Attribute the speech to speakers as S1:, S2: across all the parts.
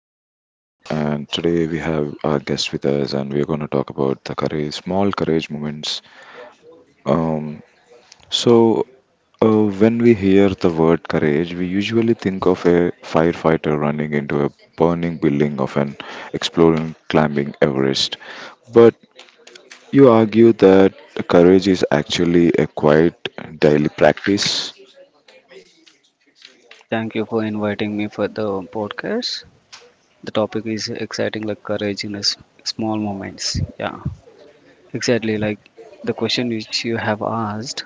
S1: I'm your host, and today we have our guest with us, and we're going to talk about the courage, small courage moments. Um, so, when we hear the word courage, we usually think of a firefighter running into a burning building of an exploring climbing Everest. But you argue that courage is actually a quiet daily practice.
S2: Yeah, thank you for inviting me for the podcast. The topic is exciting, like courage in small moments. Yeah, exactly. Like the question which you have asked,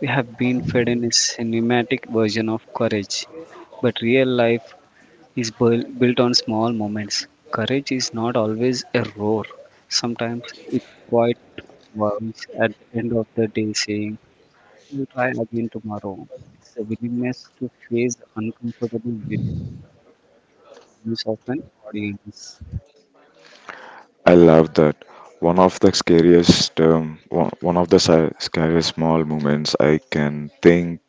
S2: we have been fed in a cinematic version of courage, but real life is built on small moments. Courage is not always a roar. Sometimes it's quite voice at the end of the day saying, "We'll try again tomorrow." It's a willingness to face uncomfortable views of an audience.
S1: I love that. One of the scariest, one, one of the si- scariest small moments I can think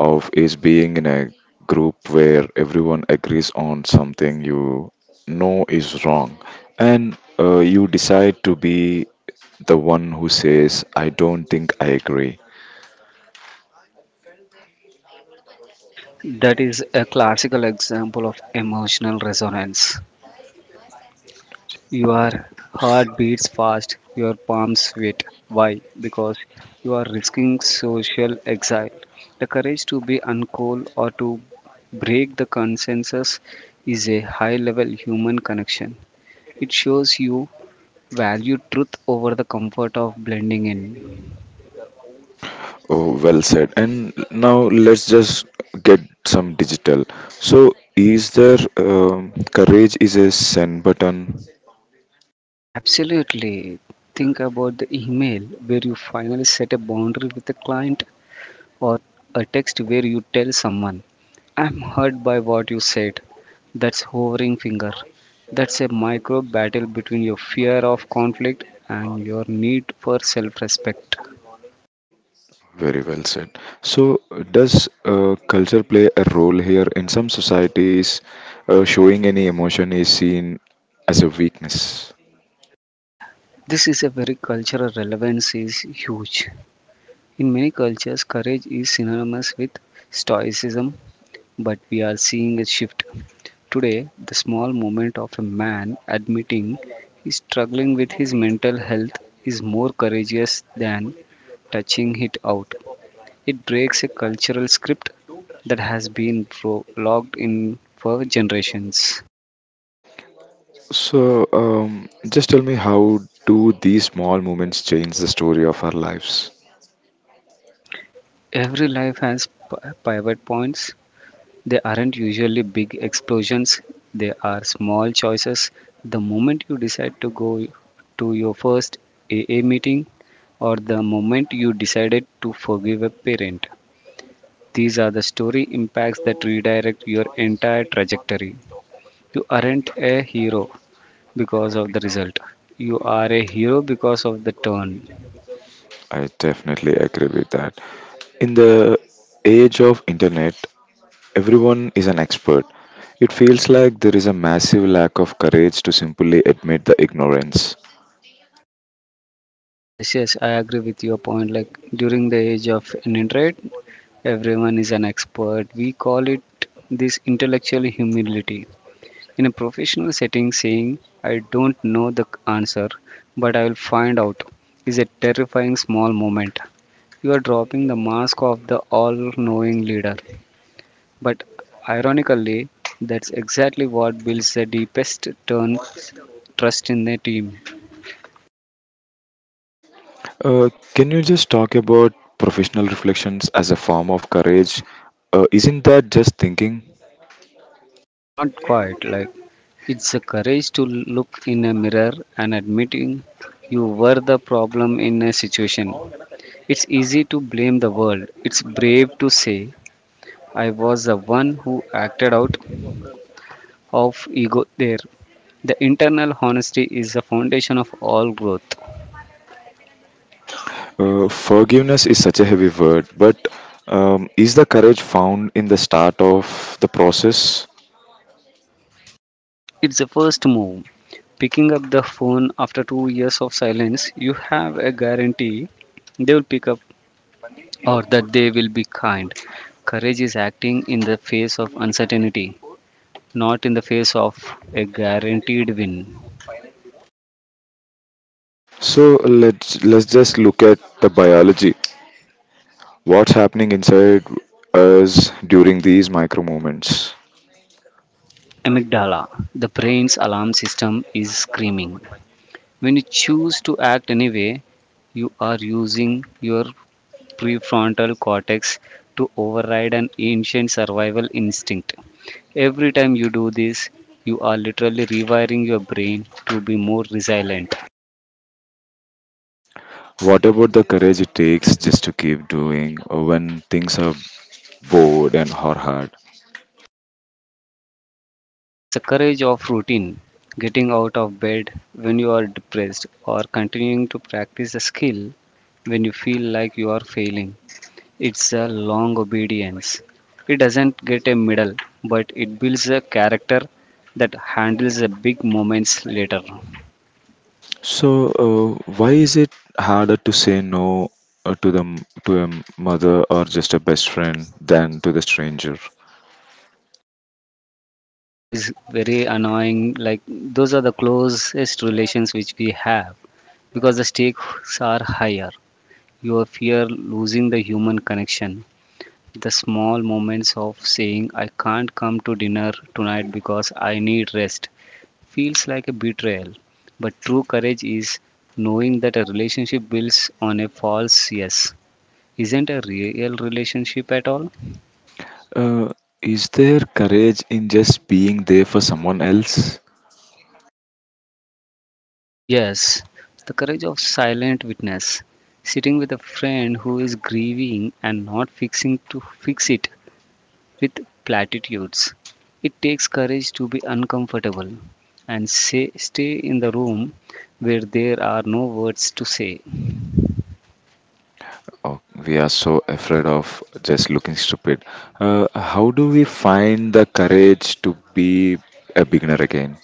S1: of is being in a group where everyone agrees on something you know is wrong, and you decide to be the one who says, "I don't think I agree."
S2: That is a classical example of emotional resonance. Your heart beats fast, your palms sweat. Why? Because you are risking social exile. The courage to be uncool or to break the consensus is a high level human connection. It shows you value truth over the comfort of blending in.
S1: Oh, well said. And now let's just get some digital. So, is there courage is a send button?
S2: Absolutely. Think about the email where you finally set a boundary with a client, or a text where you tell someone, "I'm hurt by what you said." That's hovering finger. That's a micro battle between your fear of conflict and your need for self respect.
S1: Very well said. So, does culture play a role here? In some societies, showing any emotion is seen as a weakness.
S2: This is a very cultural relevance is huge. In many cultures, courage is synonymous with stoicism, but we are seeing a shift. Today, the small moment of a man admitting he's struggling with his mental health is more courageous than touching it out. It breaks a cultural script that has been locked in for generations.
S1: So, just tell me, how do these small moments change the story of our lives?
S2: Every life has pivot points. They aren't usually big explosions, they are small choices. The moment you decide to go to your first AA meeting, or the moment you decided to forgive a parent, these are the story impacts that redirect your entire trajectory. You aren't a hero because of the result, you are a hero because of the turn.
S1: I definitely agree with that. In the age of internet, everyone is an expert. It feels like there is a massive lack of courage to simply admit the ignorance.
S2: Yes, yes, I agree with your point. Like during the age of internet, everyone is an expert. We call it this intellectual humility. In a professional setting, saying, "I don't know the answer, but I will find out," is a terrifying small moment. You are dropping the mask of the all knowing leader. But ironically, that's exactly what builds the deepest turn trust in the team.
S1: Can you just talk about professional reflections as a form of courage? Isn't that just thinking?
S2: Not quite. Like it's a courage to look in a mirror and admitting you were the problem in a situation. It's easy to blame the world. It's brave to say I was the one who acted out of ego there. The internal honesty is the foundation of all growth.
S1: Forgiveness is such a heavy word, but is the courage found in the start of the process?
S2: It's the first move. Picking up the phone after 2 years of silence, you have a guarantee they will pick up or that they will be kind. Courage is acting in the face of uncertainty, not in the face of a guaranteed win.
S1: So let's just look at the biology. What's happening inside us during these micro moments?
S2: Your amygdala, the brain's alarm system, is screaming. When you choose to act anyway, you are using your prefrontal cortex to override an ancient survival instinct. Every time you do this, you are literally rewiring your brain to be more resilient.
S1: What about the courage it takes just to keep doing when things are bored and hard?
S2: That's the courage of routine, getting out of bed when you are depressed, or continuing to practice a skill when you feel like you are failing. It's a long obedience. It doesn't get a medal, but it builds a character that handles the big moments later.
S1: So, why is it harder to say no to a mother or just a best friend than to the stranger?
S2: That is very annoying. Like, those are the closest relations which we have because the stakes are higher. You fear losing the human connection. The small moments of saying, "I can't come to dinner tonight because I need rest," feels like a betrayal. But true courage is knowing that a relationship builds on a false yes isn't a real relationship at all.
S1: Uh, is there courage in just being there for someone else?
S2: Yes, the courage of silent witness. Sitting with a friend who is grieving and not fixing to fix it with platitudes. It takes courage to be uncomfortable and say, stay in the room where there are no words to say.
S1: Oh, we are so afraid of just looking stupid. How do we find the courage to be a beginner again?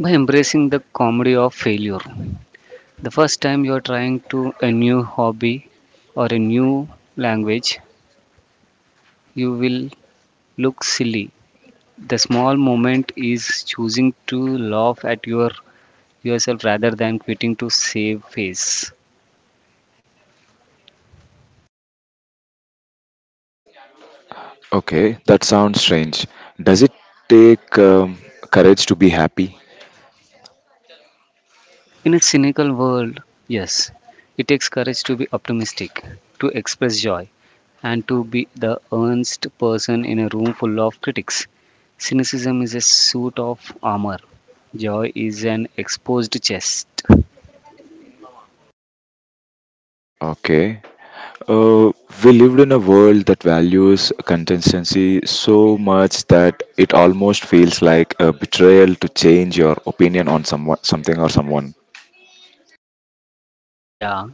S2: By embracing the comedy of failure, the first time you are trying to a new hobby or a new language, you will look silly. The small moment is choosing to laugh at your yourself rather than quitting to save face.
S1: Okay, that sounds strange. Does it take courage to be happy?
S2: In a cynical world, yes, it takes courage to be optimistic, to express joy, and to be the earnest person in a room full of critics. Cynicism is a suit of armor, joy is an exposed chest.
S1: Okay, Uh, we lived in a world that values consistency so much that it almost feels like a betrayal to change your opinion on someone, something or someone.
S2: Yeah,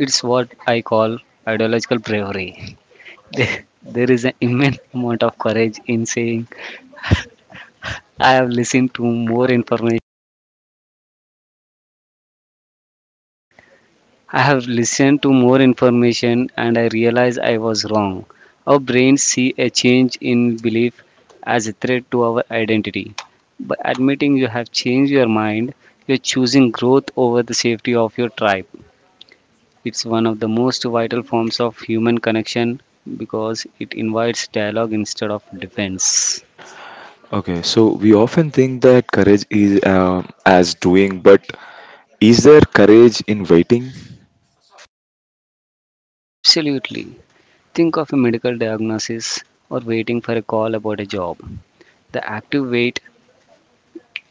S2: it's what I call ideological bravery. There is an immense amount of courage in saying, I have listened to more information. I have listened to more information and I realized I was wrong. Our brains see a change in belief as a threat to our identity. By admitting you have changed your mind, you're choosing growth over the safety of your tribe. It's one of the most vital forms of human connection because it invites dialogue instead of defense.
S1: Okay, so we often think that courage is as doing, but is there courage in waiting?
S2: Absolutely. Think of a medical diagnosis or waiting for a call about a job. The active wait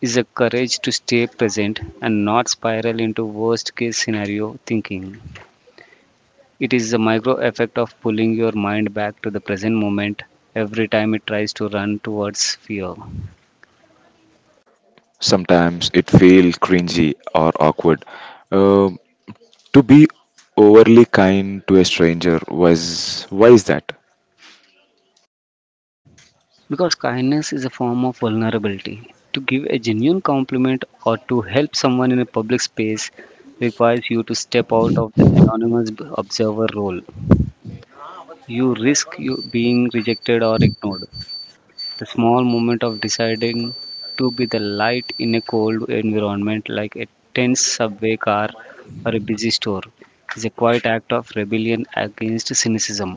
S2: is a courage to stay present and not spiral into worst case scenario thinking. It is the micro effect of pulling your mind back to the present moment every time it tries to run towards fear.
S1: Sometimes it feels cringy or awkward. Um to be overly kind to a stranger was why is that?
S2: Because kindness is a form of vulnerability. To give a genuine compliment or to help someone in a public space requires you to step out of the anonymous observer role. You risk you being rejected or ignored. The small moment of deciding to be the light in a cold environment like a tense subway car or a busy store is a quiet act of rebellion against cynicism.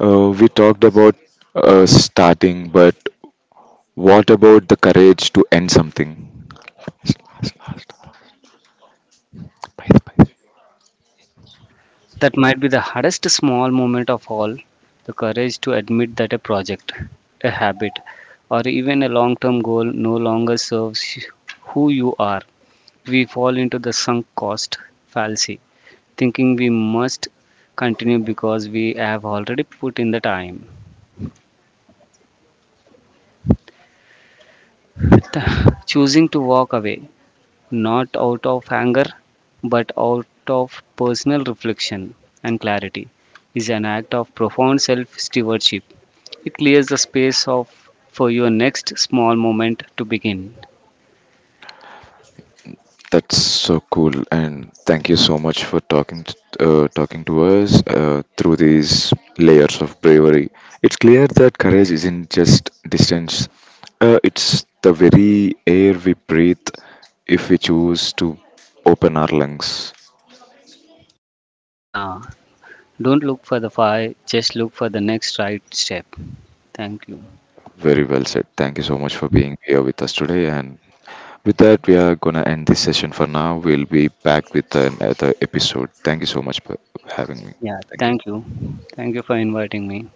S1: We talked about starting, but what about the courage to end something?
S2: That might be the hardest small moment of all, the courage to admit that a project, a habit, or even a long term goal no longer serves who you are. We fall into the sunk cost fallacy, thinking we must continue because we have already put in the time. Choosing to walk away, not out of anger, but out of personal reflection and clarity, is an act of profound self stewardship. It clears the space of for your next small moment to begin.
S1: That's so cool, and thank you so much for talking to us through these layers of bravery. It's clear that courage isn't just distance; it's the very air we breathe if we choose to open our lungs.
S2: Yeah, don't look for the fire, just look for the next right step. Thank you.
S1: Very well said. Thank you so much for being here with us today, and with that, we are gonna end this session for now. We'll be back with another episode. Thank you so much for having me.
S2: Yeah,
S1: Thank you.
S2: thank you. Thank you for inviting me.